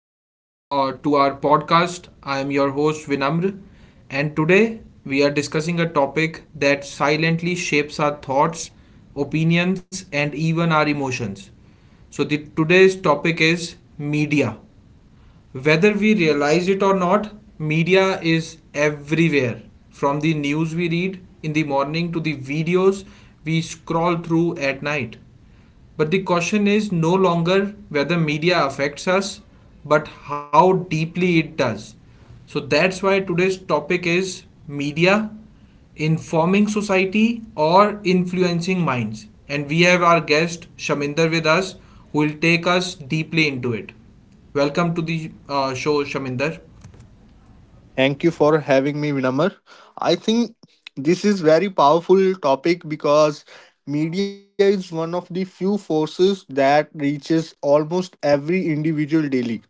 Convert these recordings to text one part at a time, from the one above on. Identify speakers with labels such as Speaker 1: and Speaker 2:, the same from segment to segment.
Speaker 1: to our podcast. I am your host Vinamr, and today we are discussing a topic that silently shapes our thoughts, opinions, and even our emotions. Today's topic is media. Whether we realize it or not, media is everywhere. From the news we read in the morning to the videos we scroll through at night. But the question is no longer whether media affects us, but how deeply it does. So that's why today's topic is media informing society or influencing minds. And we have our guest Shaminder with us who will take us deeply into it. Welcome to the show, Shaminder.
Speaker 2: Thank you for having me, Vinamar. I think this is very powerful topic because media is one of the few forces that reaches almost every individual daily.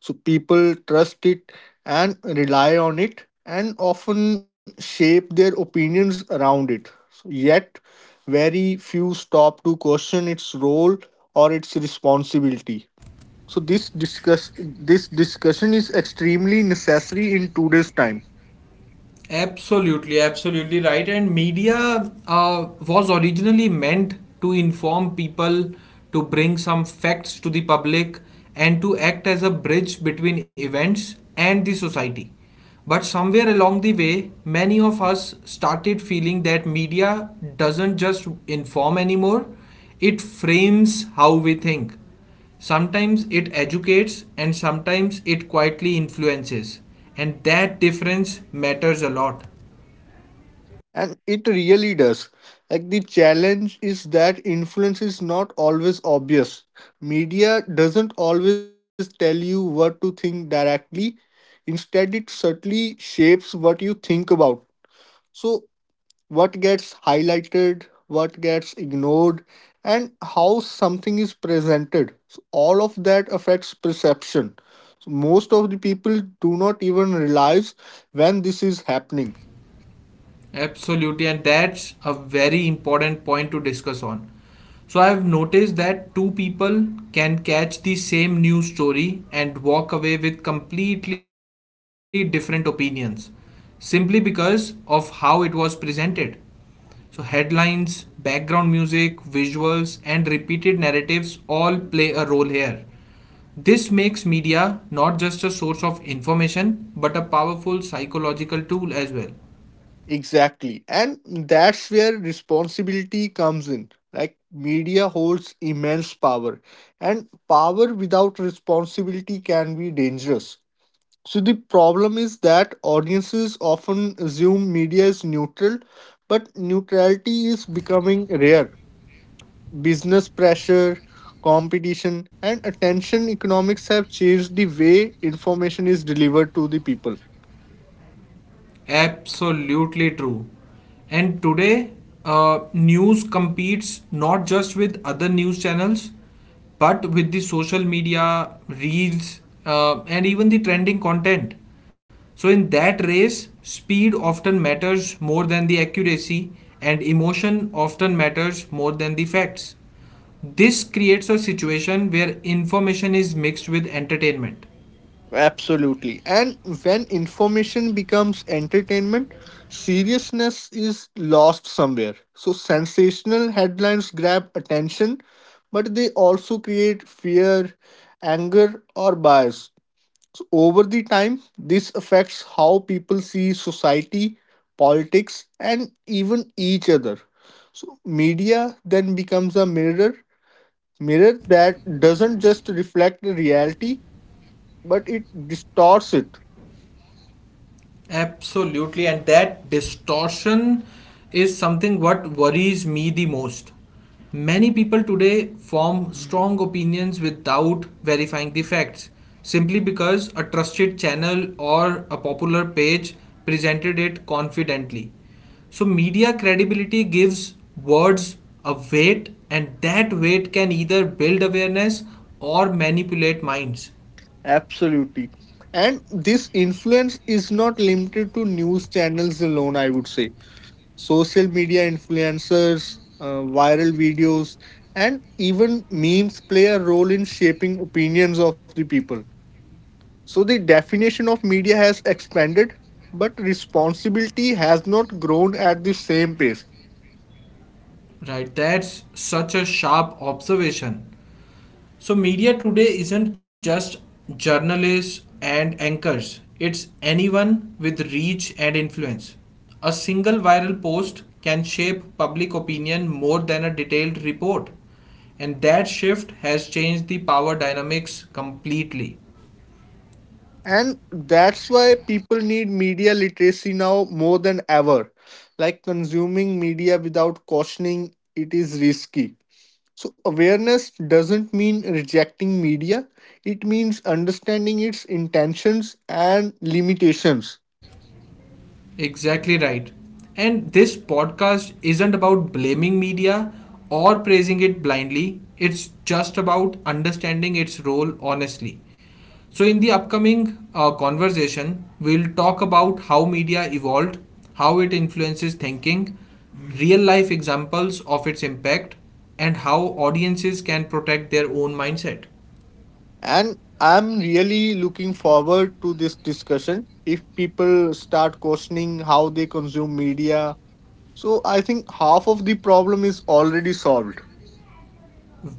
Speaker 2: So people trust it and rely on it and often shape their opinions around it. So yet very few stop to question its role or its responsibility. So this discussion is extremely necessary in today's time.
Speaker 1: Absolutely, absolutely right. And media was originally meant to inform people, to bring some facts to the public, and to act as a bridge between events and the society. But somewhere along the way, many of us started feeling that media doesn't just inform anymore, it frames how we think. Sometimes it educates and sometimes it quietly influences. And that difference matters a lot.
Speaker 2: And it really does. Like the challenge is that influence is not always obvious. Media doesn't always tell you what to think directly. Instead, it certainly shapes what you think about. So what gets highlighted, what gets ignored, and how something is presented. So all of that affects perception. So most of the people do not even realize when this is happening.
Speaker 1: Absolutely. And that's a very important point to discuss on. So I've noticed that two people can catch the same news story and walk away with completely different opinions simply because of how it was presented. So, headlines, background music, visuals, and repeated narratives all play a role here. This makes media not just a source of information but a powerful psychological tool as well.
Speaker 2: Exactly. And that's where responsibility comes in. Like media holds immense power, and power without responsibility can be dangerous. So the problem is that audiences often assume media is neutral, but neutrality is becoming rare. Business pressure, competition, and attention economics have changed the way information is delivered to the people.
Speaker 1: Absolutely true. And today, news competes not just with other news channels but with the social media, reels, and even the trending content. So, in that race, speed often matters more than the accuracy, and emotion often matters more than the facts. This creates a situation where information is mixed with entertainment.
Speaker 2: Absolutely. And when information becomes entertainment, seriousness is lost somewhere. So sensational headlines grab attention, but they also create fear, anger, or bias. So over the time, this affects how people see society, politics, and even each other. So media then becomes a mirror, mirror that doesn't just reflect the reality, but it distorts it.
Speaker 1: Absolutely, and that distortion is something what worries me the most. Many people today form strong opinions without verifying the facts, simply because a trusted channel or a popular page presented it confidently. So, media credibility gives words a weight, and that weight can either build awareness or manipulate minds.
Speaker 2: Absolutely. And this influence is not limited to news channels alone, I would say. Social media influencers, viral videos, and even memes play a role in shaping opinions of the people. So the definition of media has expanded, but responsibility has not grown at the same pace.
Speaker 1: Right, that's such a sharp observation. So, media today isn't just journalists and anchors, it's anyone with reach and influence. A single viral post can shape public opinion more than a detailed report, and that shift has changed the power dynamics completely.
Speaker 2: And that's why people need media literacy now more than ever. Like consuming media without cautioning, it is risky. So awareness doesn't mean rejecting media, it means understanding its intentions and limitations.
Speaker 1: Exactly right. And this podcast isn't about blaming media or praising it blindly, it's just about understanding its role honestly. So, in the upcoming conversation, we'll talk about how media evolved, how it influences thinking, real life examples of its impact, and how audiences can protect their own mindset.
Speaker 2: And I'm really looking forward to this discussion. If people start questioning how they consume media, so I think half of the problem is already solved.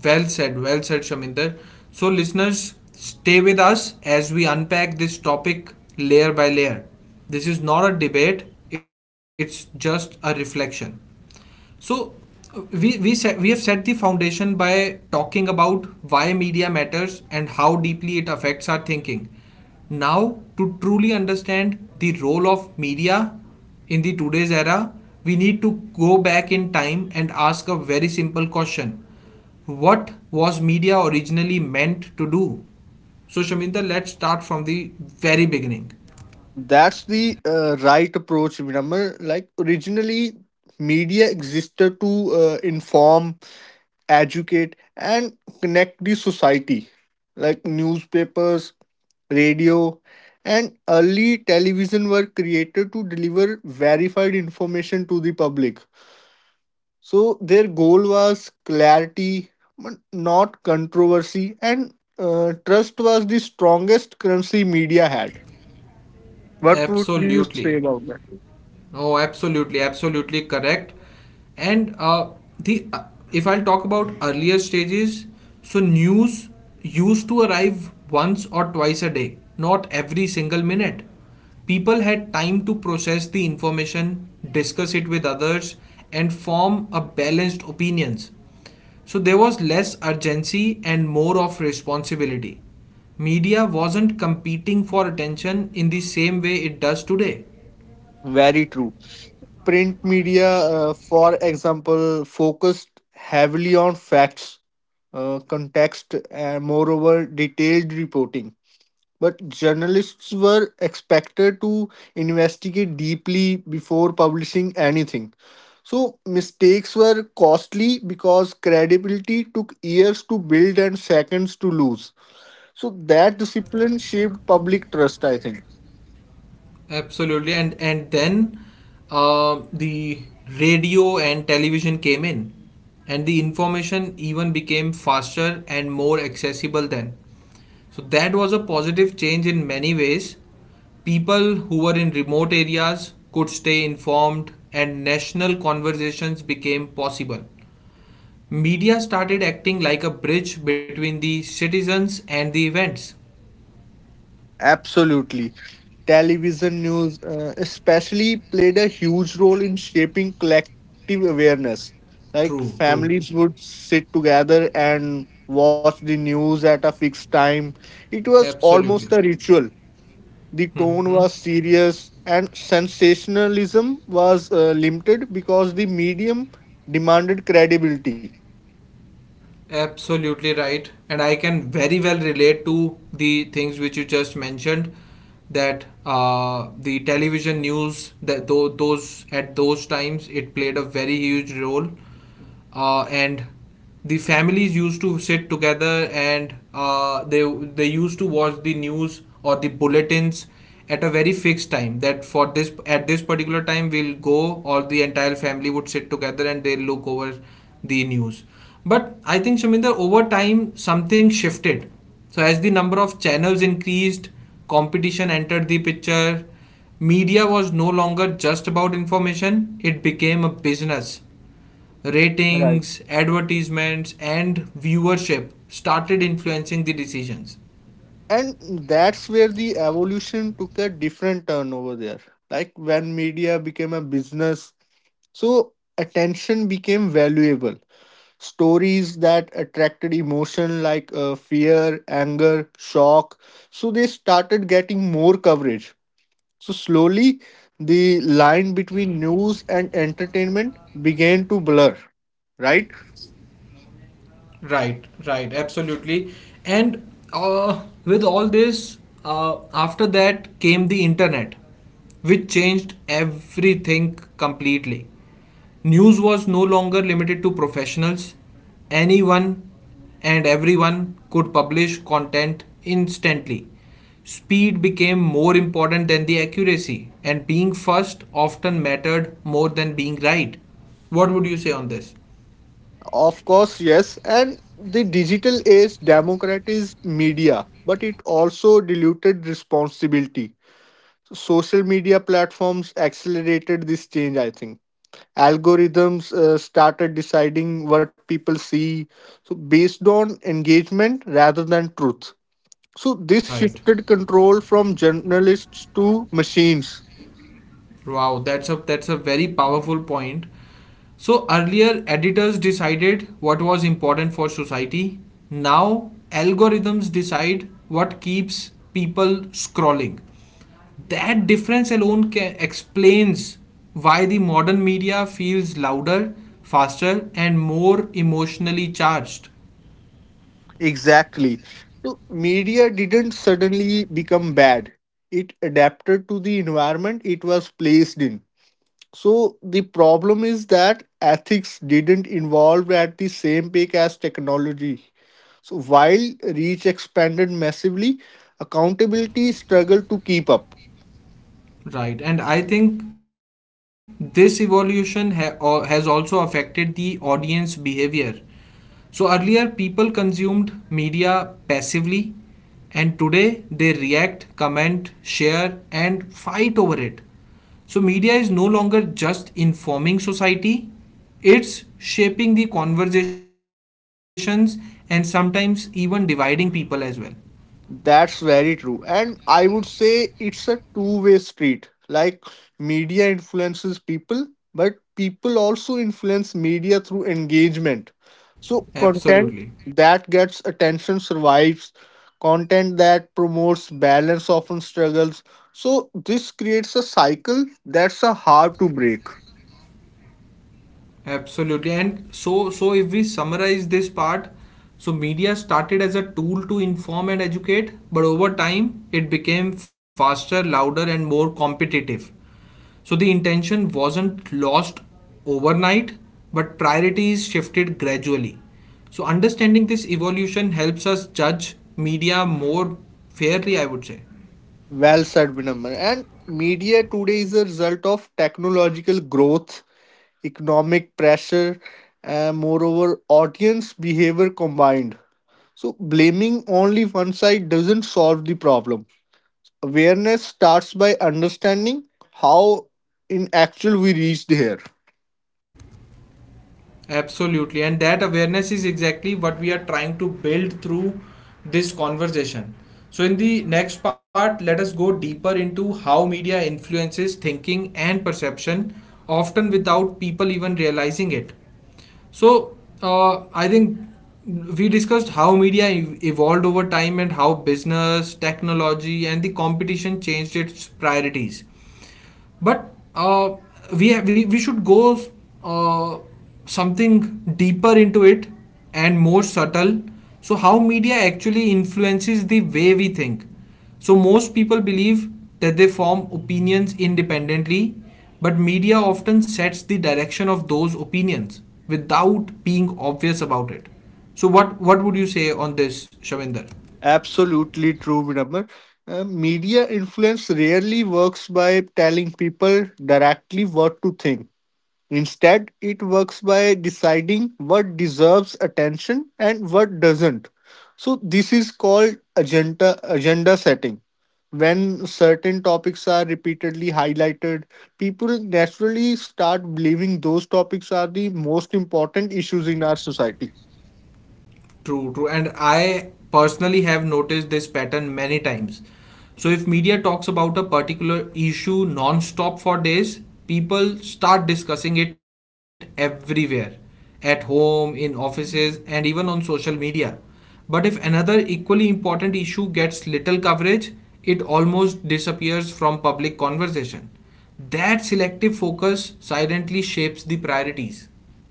Speaker 1: Well said, Shaminder. So, listeners, stay with us as we unpack this topic layer by layer. This is not a debate, it's just a reflection. So we have set the foundation by talking about why media matters and how deeply it affects our thinking. Now, to truly understand the role of media in the today's era, we need to go back in time and ask a very simple question. What was media originally meant to do? So, Shaminda, let's start from the very beginning.
Speaker 2: That's the right approach, Vinamr. Like originally, media existed to inform, educate, and connect the society. Like newspapers, radio, and early television were created to deliver verified information to the public. So their goal was clarity, but not controversy, and trust was the strongest currency media had. What would you say about
Speaker 1: Absolutely.
Speaker 2: that?
Speaker 1: Oh, absolutely, absolutely correct. And the If I'll talk about earlier stages, so news used to arrive once or twice a day, not every single minute. People had time to process the information, discuss it with others, and form a balanced opinions. So there was less urgency and more of responsibility. Media wasn't competing for attention in the same way it does today.
Speaker 2: Very true. Print media, for example, focused heavily on facts, context, and moreover, detailed reporting. But journalists were expected to investigate deeply before publishing anything. So mistakes were costly because credibility took years to build and seconds to lose. So that discipline shaped public trust, I think.
Speaker 1: Absolutely, and then the radio and television came in, and the information even became faster and more accessible then. So that was a positive change in many ways. People who were in remote areas could stay informed, and national conversations became possible. Media started acting like a bridge between the citizens and the events.
Speaker 2: Absolutely. Television news especially played a huge role in shaping collective awareness. Like
Speaker 1: True,
Speaker 2: families
Speaker 1: true,
Speaker 2: would sit together and watch the news at a fixed time. It was almost a
Speaker 1: absolutely.
Speaker 2: ritual. The
Speaker 1: Mm-hmm.
Speaker 2: tone was serious and sensationalism was limited because the medium demanded credibility.
Speaker 1: Absolutely right. And I can very well relate to the things which you just mentioned that the television news that those at those times it played a very huge role and the families used to sit together and uh, they used to watch the news or the bulletins at a very fixed time that for this at this particular time we'll go or the entire family would sit together and they'll look over the news. But I think, Shaminder, over time something shifted. So as the number of channels increased, competition entered the picture. Media was no longer just about information, it became a business.
Speaker 2: Right.
Speaker 1: Ratings, advertisements, and viewership started influencing the decisions.
Speaker 2: And that's where the evolution took a different turn over there. Like when media became a business, so attention became valuable. Stories that attracted emotion like fear, anger, shock. So they started getting more coverage. So slowly, the line between news and entertainment began to blur. Right?
Speaker 1: Right, right, absolutely. And with all this, after that came the internet, which changed everything completely. News was no longer limited to professionals, anyone and everyone could publish content instantly. Speed became more important than the accuracy, and being first often mattered more than being right. What would you say on this?
Speaker 2: Of course, yes. And the digital age democratized media, but it also diluted responsibility. Social media platforms accelerated this change, I think. Algorithms started deciding what people see, so based on engagement rather than truth. So this
Speaker 1: Right.
Speaker 2: shifted control from journalists to machines.
Speaker 1: Wow, that's a very powerful point. So earlier editors decided what was important for society. Now algorithms decide what keeps people scrolling. That difference alone explains why the modern media feels louder, faster and more emotionally charged.
Speaker 2: Exactly. So media didn't suddenly become bad, it adapted to the environment it was placed in. So the problem is that ethics didn't evolve at the same pace as technology. So while reach expanded massively, accountability struggled to keep up.
Speaker 1: Right, and I think this evolution has also affected the audience behavior. So earlier people consumed media passively and today they react, comment, share and fight over it. So media is no longer just informing society, it's shaping the conversations and sometimes even dividing people as well.
Speaker 2: That's very true. And I would say it's a two-way street. Like media influences people, but people also influence media through engagement. So content
Speaker 1: Absolutely.
Speaker 2: that gets attention survives, content that promotes balance often struggles. So this creates a cycle that's a hard to break.
Speaker 1: Absolutely. And so, if we summarize this part, so media started as a tool to inform and educate, but over time it became faster, louder, and more competitive. So the intention wasn't lost overnight, but priorities shifted gradually. So understanding this evolution helps us judge media more fairly, I would say.
Speaker 2: Well said, Vinamr. And media today is a result of technological growth, economic pressure, and moreover, audience behavior combined. So blaming only one side doesn't solve the problem. Awareness starts by understanding how, in actual, we reached here.
Speaker 1: Absolutely. And that awareness is exactly what we are trying to build through this conversation. So, in the next part, let us go deeper into how media influences thinking and perception, often without people even realizing it. So, I think we discussed how media evolved over time and how business, technology, and the competition changed its priorities. But we, ha- we should go uh, something deeper into it and more subtle. So how media actually influences the way we think. So most people believe that they form opinions independently, but media often sets the direction of those opinions without being obvious about it. So what would you say on this, Shavinder?
Speaker 2: Absolutely true, Vinamr. Media influence rarely works by telling people directly what to think. Instead, it works by deciding what deserves attention and what doesn't. So this is called agenda setting. When certain topics are repeatedly highlighted, people naturally start believing those topics are the most important issues in our society.
Speaker 1: True, true. And I personally have noticed this pattern many times. So, if media talks about a particular issue non stop for days, people start discussing it everywhere at home, in offices, and even on social media. But if another equally important issue gets little coverage, it almost disappears from public conversation. That selective focus silently shapes the priorities.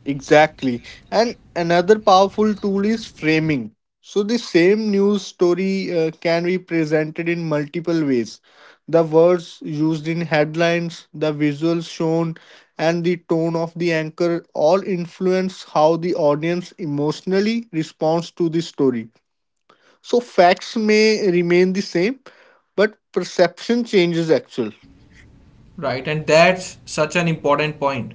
Speaker 2: Exactly. And another powerful tool is framing. So the same news story can be presented in multiple ways. The words used in headlines, the visuals shown, and the tone of the anchor all influence how the audience emotionally responds to the story. So facts may remain the same, but perception changes actually.
Speaker 1: Right, and that's such an important point.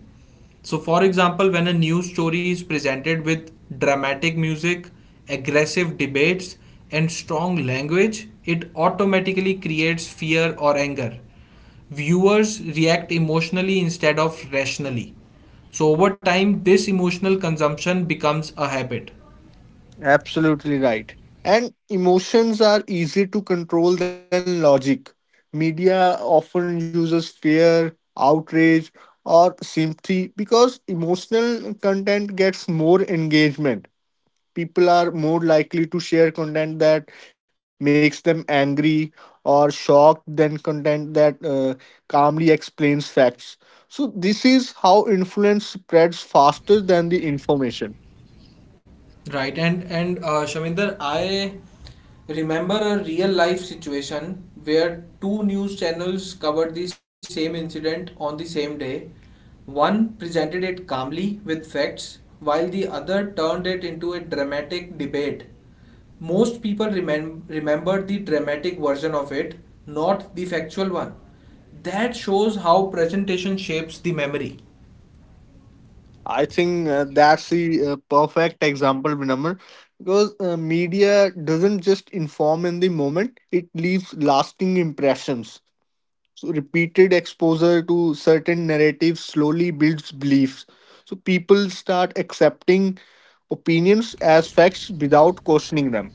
Speaker 1: So, for example, when a news story is presented with dramatic music, aggressive debates, and strong language, it automatically creates fear or anger. Viewers react emotionally instead of rationally. So, over time, this emotional consumption becomes a habit.
Speaker 2: Absolutely right. And emotions are easier to control than logic. Media often uses fear, outrage, or sympathy because emotional content gets more engagement. People are more likely to share content that makes them angry or shocked than content that calmly explains facts. So this is how influence spreads faster than the information.
Speaker 1: Right, and Shaminder, I remember a real life situation where two news channels covered the same incident on the same day. One presented it calmly with facts, while the other turned it into a dramatic debate. Most people remembered the dramatic version of it, not the factual one. That shows how presentation shapes the memory.
Speaker 2: I think that's the perfect example, Vinamr, because media doesn't just inform in the moment, it leaves lasting impressions. So repeated exposure to certain narratives slowly builds beliefs. So people start accepting opinions as facts without questioning them.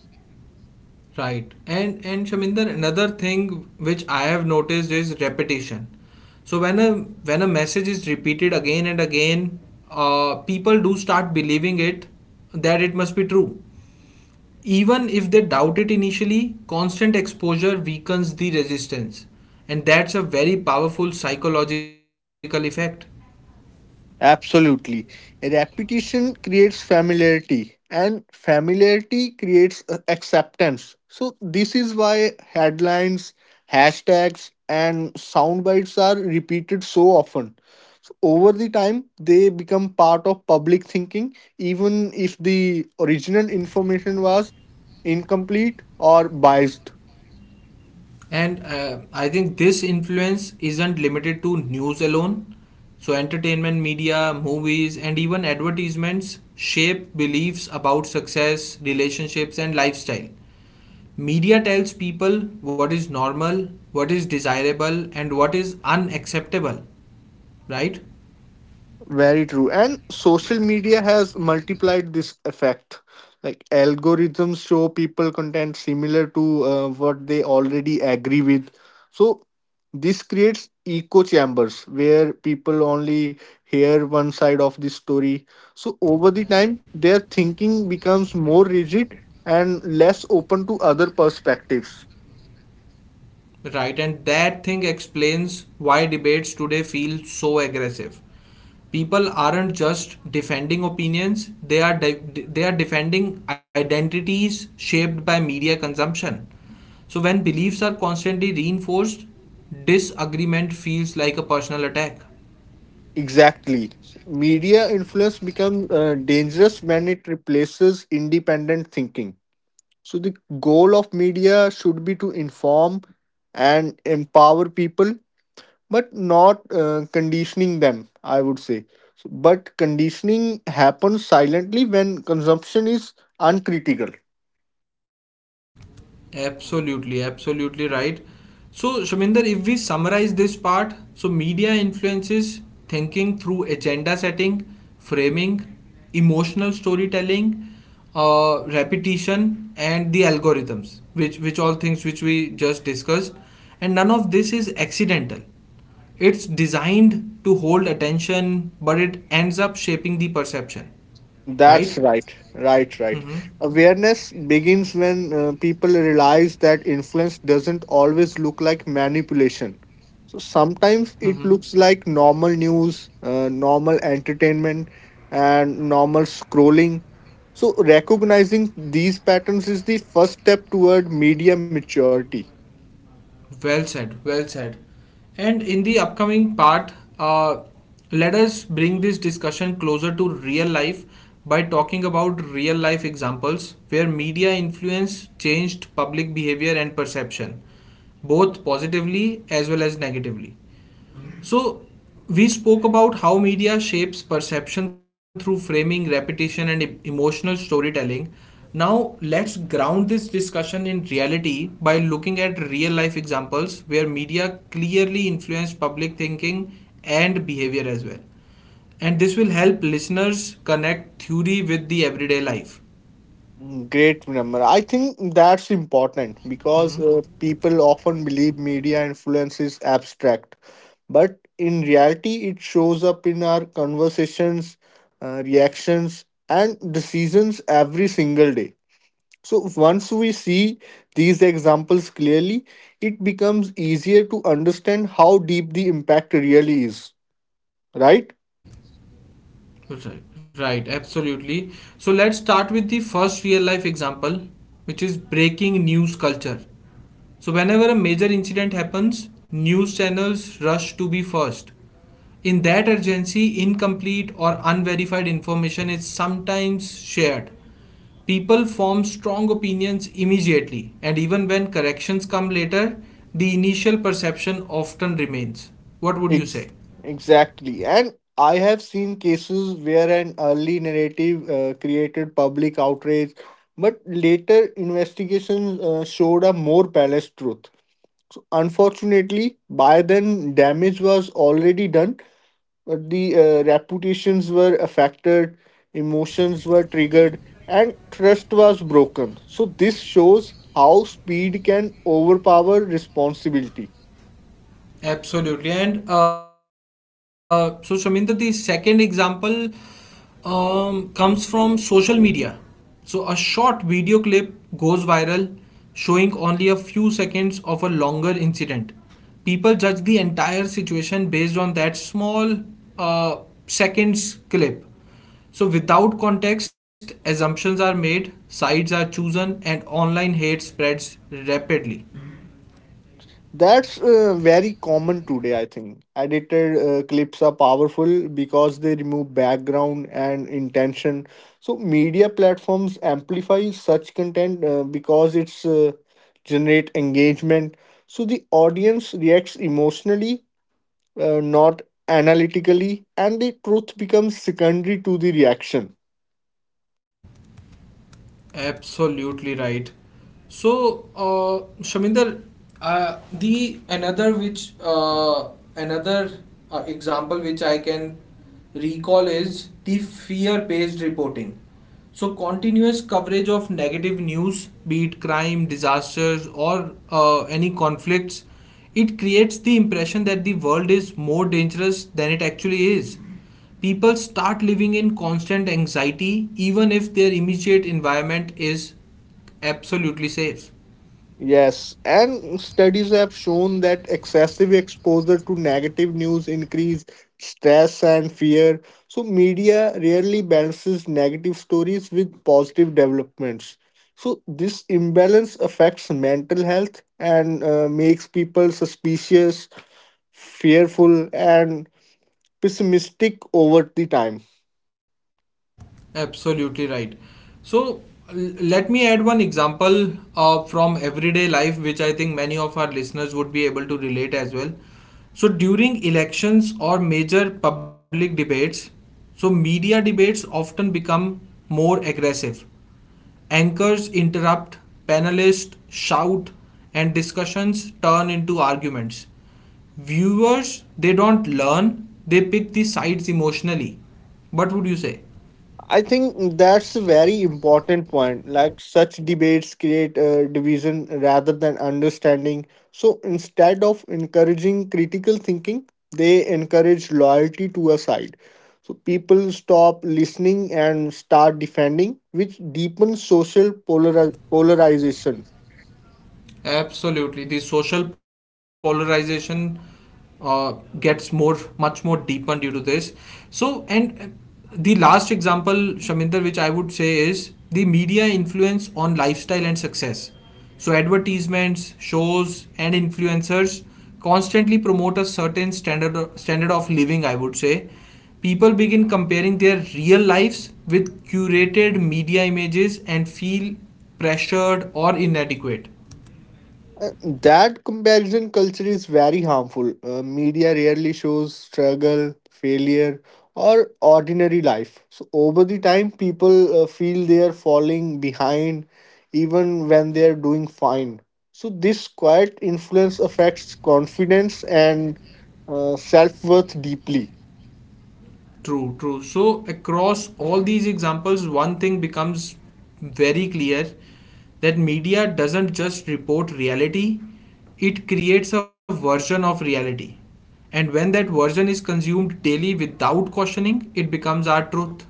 Speaker 1: Right. And Shaminder, another thing which I have noticed is repetition. So when a message is repeated again and again, people do start believing it that it must be true. Even if they doubt it initially, constant exposure weakens the resistance. And that's a very powerful psychological effect.
Speaker 2: Absolutely. Repetition creates familiarity, and familiarity creates acceptance. So this is why headlines, hashtags, and sound bites are repeated so often. So over the time, they become part of public thinking, even if the original information was incomplete or biased.
Speaker 1: And I think this influence isn't limited to news alone. So, entertainment media, movies, and even advertisements shape beliefs about success, relationships, and lifestyle. Media tells people what is normal, what is desirable, and what is unacceptable, right?
Speaker 2: Very true. And social media has multiplied this effect. Like algorithms show people content similar to what they already agree with. So this creates echo chambers where people only hear one side of the story. So over the time, their thinking becomes more rigid and less open to other perspectives.
Speaker 1: Right, and that thing explains why debates today feel so aggressive. People aren't just defending opinions, they are defending identities shaped by media consumption. So when beliefs are constantly reinforced, disagreement feels like a personal attack.
Speaker 2: Exactly. Media influence becomes dangerous when it replaces independent thinking. So the goal of media should be to inform and empower people, but not conditioning them, I would say. So but conditioning happens silently when consumption is uncritical.
Speaker 1: Absolutely, absolutely right. So, Shaminder, if we summarize this part, so media influences thinking through agenda setting, framing, emotional storytelling, repetition, and the algorithms, which all things which we just discussed, and none of this is accidental. It's designed to hold attention, but it ends up shaping the perception, right?
Speaker 2: That's right, right, right.
Speaker 1: Mm-hmm.
Speaker 2: Awareness begins when people realize that influence doesn't always look like manipulation. So sometimes it
Speaker 1: Mm-hmm.
Speaker 2: looks like normal news, normal entertainment, and normal scrolling. So recognizing these patterns is the first step toward media maturity.
Speaker 1: Well said, well said. And in the upcoming part, let us bring this discussion closer to real life by talking about real life examples where media influence changed public behavior and perception, both positively as well as negatively. So, we spoke about how media shapes perception through framing, repetition, and emotional storytelling. Now, let's ground this discussion in reality by looking at real life examples where media clearly influenced public thinking and behavior as well. And this will help listeners connect theory with the everyday life.
Speaker 2: Mm, great number. I think that's important because people often believe media influence is abstract, but in reality it shows up in our conversations, reactions and decisions every single day. So once we see these examples clearly, it becomes easier to understand how deep the impact really is, right?
Speaker 1: Right, right, absolutely. So let's start with the first real life example, which is breaking news culture. So, whenever a major incident happens, news channels rush to be first. In that urgency, incomplete or unverified information is sometimes shared. People form strong opinions immediately, and even when corrections come later, the initial perception often remains. What would you
Speaker 2: Ex-
Speaker 1: say?
Speaker 2: exactly and I have seen cases where an early narrative created public outrage, but later investigations showed a more balanced truth. So unfortunately, by then damage was already done. But the reputations were affected, emotions were triggered, and trust was broken. So this shows how speed can overpower responsibility.
Speaker 1: Absolutely. And so, Shaminda, the second example comes from social media. So, a short video clip goes viral showing only a few seconds of a longer incident. People judge the entire situation based on that small uh, seconds clip. So, without context, assumptions are made, sides are chosen, and online hate spreads rapidly.
Speaker 2: That's very common today, I think. Edited clips are powerful because they remove background and intention. So media platforms amplify such content because it's generate engagement. So the audience reacts emotionally, not analytically, and the truth becomes secondary to the reaction.
Speaker 1: Absolutely right. So, Shaminder, the another example which I can recall is the fear-based reporting. So, continuous coverage of negative news, be it crime, disasters, or any conflicts, it creates the impression that the world is more dangerous than it actually is. People start living in constant anxiety even if their immediate environment is absolutely safe.
Speaker 2: Yes, and studies have shown that excessive exposure to negative news increase stress and fear. So media rarely balances negative stories with positive developments. So this imbalance affects mental health and makes people suspicious, fearful, and pessimistic over the time.
Speaker 1: Absolutely right. So let me add one example from everyday life, which I think many of our listeners would be able to relate as well. So during elections or major public debates, so media debates often become more aggressive. Anchors interrupt, panelists shout, and discussions turn into arguments. Viewers, they don't learn, they pick the sides emotionally. What would you say?
Speaker 2: I think that's a very important point. Like such debates create a division rather than understanding. So instead of encouraging critical thinking, they encourage loyalty to a side. So people stop listening and start defending, which deepens social polarization.
Speaker 1: Absolutely, the social polarization uh, gets more, much more deepened due to this. So, and the last example, Shaminder, which I would say is the media influence on lifestyle and success. So, advertisements, shows, and influencers constantly promote a certain standard of living. I would say people begin comparing their real lives with curated media images and feel pressured or inadequate.
Speaker 2: Uh, That comparison culture is very harmful. Media rarely shows struggle, failure, or ordinary life. So over the time, people feel they are falling behind even when they are doing fine. So this quiet influence affects confidence and self worth deeply.
Speaker 1: True, true. So, across all these examples, one thing becomes very clear that media doesn't just report reality, it creates a version of reality. And when that version is consumed daily without cautioning, it becomes our truth.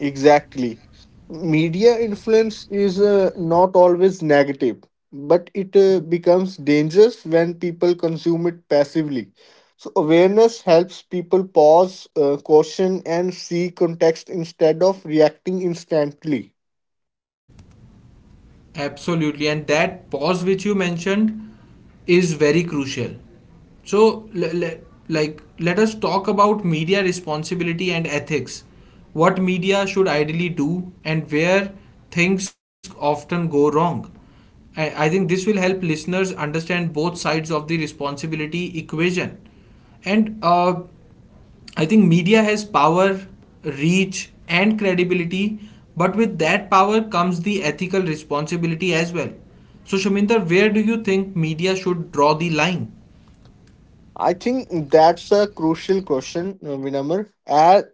Speaker 2: Exactly. Media influence is not always negative, but it becomes dangerous when people consume it passively. So awareness helps people pause, caution, and see context instead of reacting instantly.
Speaker 1: Absolutely, and that pause which you mentioned is very crucial. So, like, let us talk about media responsibility and ethics. What media should ideally do, and where things often go wrong. I think this will help listeners understand both sides of the responsibility equation. And I think media has power, reach, and credibility, but with that power comes the ethical responsibility as well. So, Shaminder, where do you think media should draw the line?
Speaker 2: I think that's a crucial question, Vinamr. At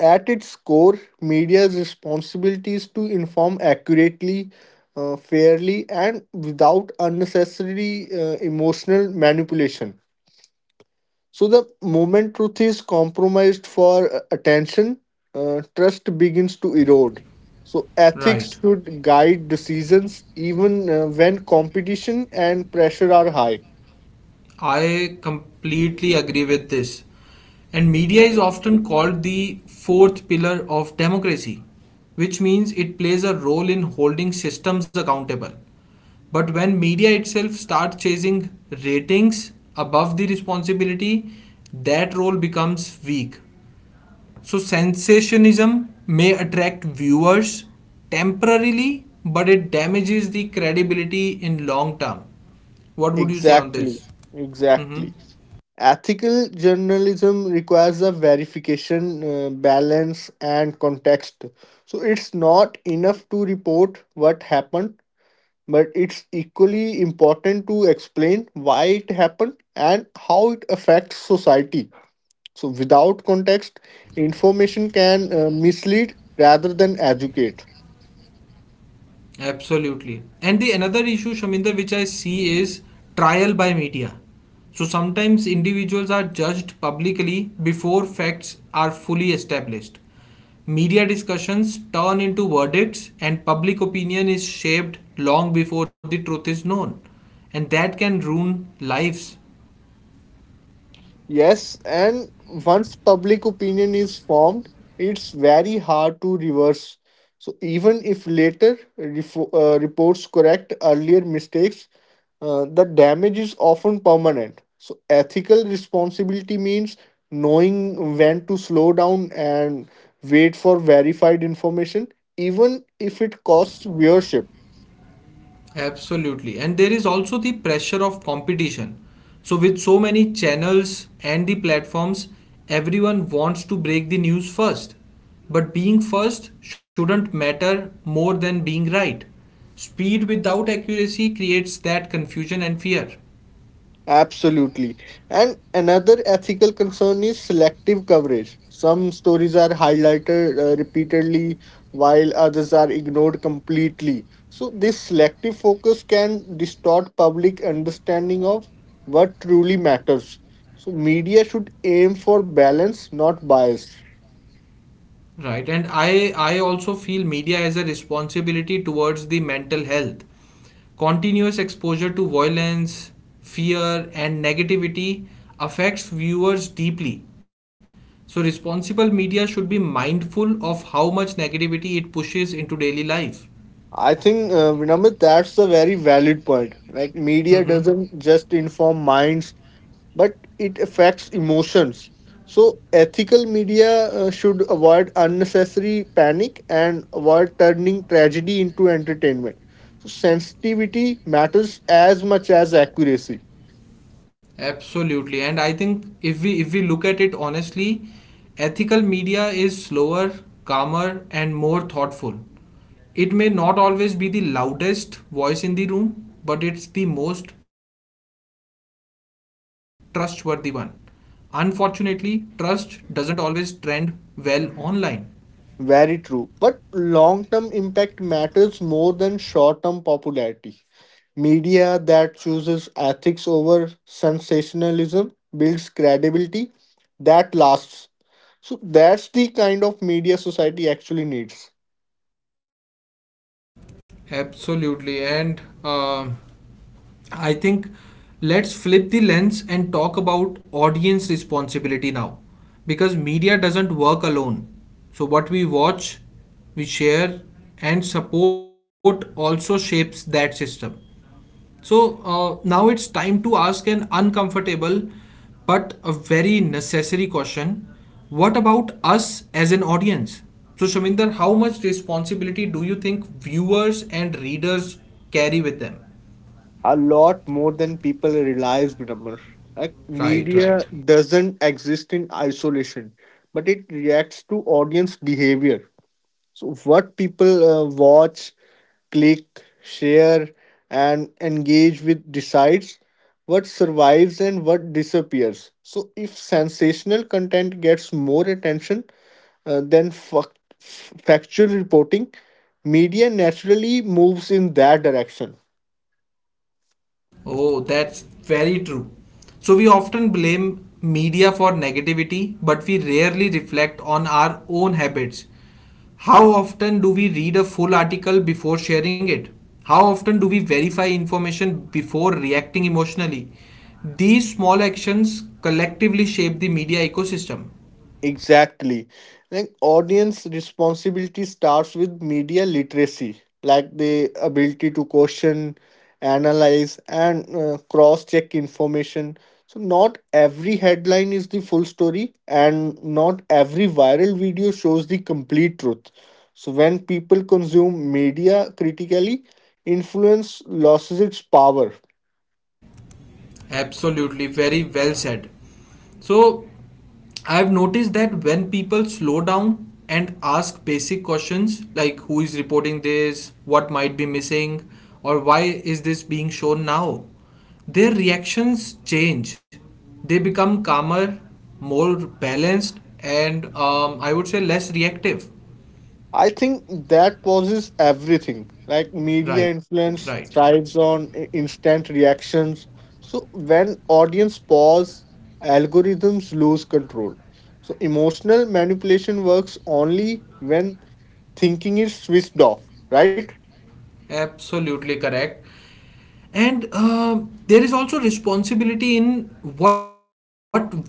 Speaker 2: at its core, media's responsibility is to inform accurately, fairly, and without unnecessary emotional manipulation. So the moment truth is compromised for attention, trust begins to erode. So
Speaker 1: Right.
Speaker 2: ethics should guide decisions even when competition and pressure are high.
Speaker 1: I completely agree with this. And media is often called the fourth pillar of democracy, which means it plays a role in holding systems accountable. But when media itself starts chasing ratings above the responsibility, that role becomes weak. So, sensationalism may attract viewers temporarily, but it damages the credibility in long term. What would you say on
Speaker 2: Exactly,
Speaker 1: this? Hmm.
Speaker 2: exactly. Ethical journalism requires a verification, balance, and context. So it's not enough to report what happened, but it's equally important to explain why it happened and how it affects society. So without context, information can mislead rather than educate.
Speaker 1: Absolutely. And the another issue, Shaminder, which I see is trial by media. So sometimes individuals are judged publicly before facts are fully established. Media discussions turn into verdicts, and public opinion is shaped long before the truth is known. And that can ruin lives.
Speaker 2: Yes, and once public opinion is formed, it's very hard to reverse. So even if later reports correct earlier mistakes, the damage is often permanent. So ethical responsibility means knowing when to slow down and wait for verified information, even if it costs viewership.
Speaker 1: Absolutely. And there is also the pressure of competition. So, with so many channels and the platforms, everyone wants to break the news first. But being first shouldn't matter more than being right. Speed without accuracy creates that confusion and fear.
Speaker 2: Absolutely. And another ethical concern is selective coverage. Some stories are highlighted repeatedly while others are ignored completely. So this selective focus can distort public understanding of what truly matters. So media should aim for balance, not bias.
Speaker 1: Right, and I also feel media has a responsibility towards the mental health. Continuous exposure to violence, fear, and negativity affects viewers deeply. So responsible media should be mindful of how much negativity it pushes into daily life.
Speaker 2: I think, Vinamra, that's a very valid point. Like media
Speaker 1: Mm-hmm.
Speaker 2: doesn't just inform minds, but it affects emotions. So ethical media should avoid unnecessary panic and avoid turning tragedy into entertainment. So sensitivity matters as much as accuracy.
Speaker 1: Absolutely. And I think if we look at it honestly, ethical media is slower, calmer, and more thoughtful. It may not always be the loudest voice in the room, but it's the most trustworthy one. Unfortunately, trust doesn't always trend well online.
Speaker 2: Very true. But long term impact matters more than short term popularity. Media that chooses ethics over sensationalism builds credibility that lasts. So that's the kind of media society actually needs.
Speaker 1: Absolutely. And I think let's flip the lens and talk about audience responsibility now because media doesn't work alone. So, what we watch, we share, and support also shapes that system. So, now it's time to ask an uncomfortable but a very necessary question. What about us as an audience? So, Shaminder, how much responsibility do you think viewers and readers carry with them?
Speaker 2: A lot more than people realize, Vinamr. Like
Speaker 1: Right,
Speaker 2: media
Speaker 1: right.
Speaker 2: doesn't exist in isolation, but it reacts to audience behavior. So what people watch, click, share, and engage with decides what survives and what disappears. So if sensational content gets more attention than factual reporting, media naturally moves in that direction.
Speaker 1: Oh, that's very true. So we often blame media for negativity, but we rarely reflect on our own habits. How often do we read a full article before sharing it? How often do we verify information before reacting emotionally? These small actions collectively shape the media ecosystem.
Speaker 2: Exactly. Like audience responsibility starts with media literacy, like the ability to question, analyze, and cross check information. So not every headline is the full story, and not every viral video shows the complete truth. So when people consume media critically, influence loses its power.
Speaker 1: Absolutely, very well said. So I've noticed that when people slow down and ask basic questions like who is reporting this, what might be missing, or why is this being shown now, their reactions change. They become calmer, more balanced, and I would say less reactive.
Speaker 2: I think that pauses everything. Like media
Speaker 1: Right, right.
Speaker 2: influence thrives on instant reactions. So when audience pause, algorithms lose control. So emotional manipulation works only when thinking is switched off, right?
Speaker 1: Absolutely correct. And there is also responsibility in what we amplify.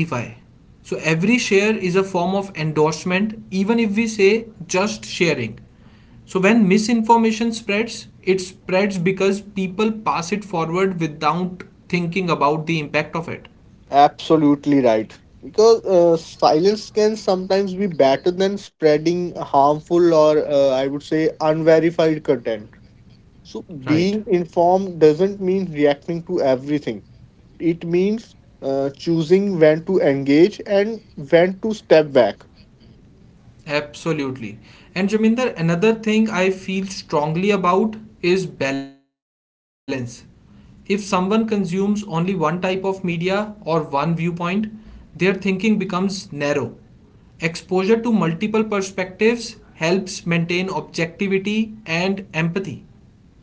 Speaker 1: So every share is a form of endorsement, even if we say just sharing. So when misinformation spreads, it spreads because people pass it forward without thinking about the impact of it.
Speaker 2: Absolutely right. Because silence can sometimes be better than spreading harmful or I would say unverified content. So
Speaker 1: Right.
Speaker 2: being informed doesn't mean reacting to everything. It means choosing when to engage and when to step back.
Speaker 1: Absolutely. And Jaminder, another thing I feel strongly about is balance. If someone consumes only one type of media or one viewpoint, their thinking becomes narrow. Exposure to multiple perspectives helps maintain objectivity and empathy.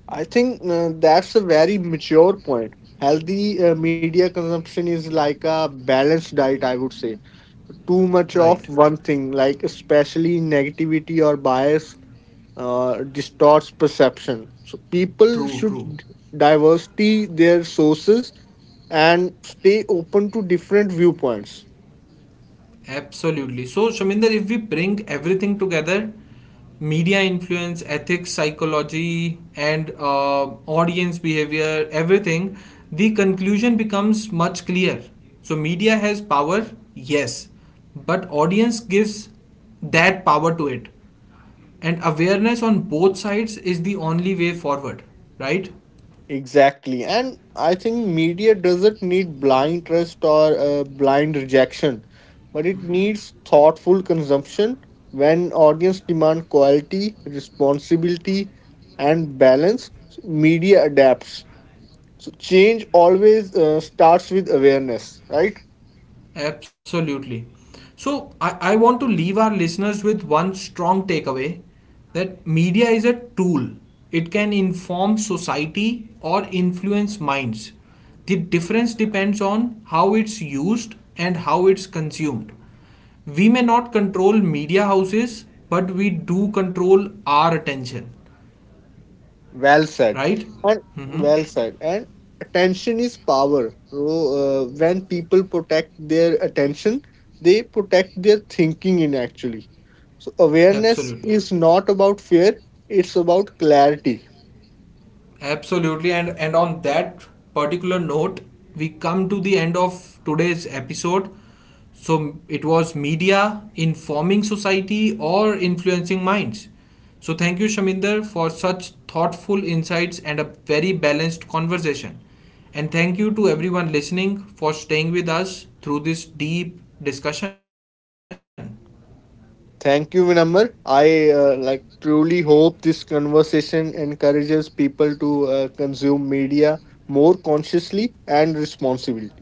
Speaker 2: I think that's a very mature point. Healthy media consumption is like a balanced diet, I would say. Too much
Speaker 1: Right.
Speaker 2: of one thing, like especially negativity or bias, distorts perception. So people
Speaker 1: True, true.
Speaker 2: should diversity their sources and stay open to different viewpoints.
Speaker 1: Absolutely. So, Shaminder, if we bring everything together, media influence, ethics, psychology, and audience behavior, everything, the conclusion becomes much clear. So, media has power, yes, but audience gives that power to it. And awareness on both sides is the only way forward, right?
Speaker 2: Exactly. And I think media doesn't need blind trust or blind rejection, but it needs thoughtful consumption when audience demand quality, responsibility, and balance. Media adapts. So change always starts with awareness, right?
Speaker 1: Absolutely. So, I want to leave our listeners with one strong takeaway that media is a tool. It can inform society or influence minds. The difference depends on how it's used and how it's consumed. We may not control media houses, but we do control our attention,
Speaker 2: Well said.
Speaker 1: right?
Speaker 2: And
Speaker 1: Mm-hmm.
Speaker 2: well said. And attention is power. So when people protect their attention, they protect their thinking in actually. So awareness
Speaker 1: Absolutely.
Speaker 2: is not about fear, it's about clarity.
Speaker 1: Absolutely, and on that particular note, we come to the end of today's episode. So it was media informing society or influencing minds. So thank you, Shaminder, for such thoughtful insights and a very balanced conversation. And thank you to everyone listening for staying with us through this deep discussion.
Speaker 2: Thank you, Vinamr. I like truly hope this conversation encourages people to consume media more consciously and responsibly.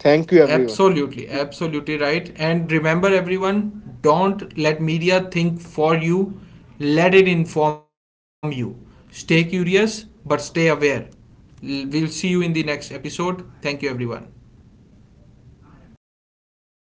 Speaker 2: Thank you, everyone.
Speaker 1: Absolutely, absolutely right. And remember, everyone, don't let media think for you, let it inform you. Stay curious, but stay aware. We'll see you in the next episode. Thank you, everyone.
Speaker 2: Thank you.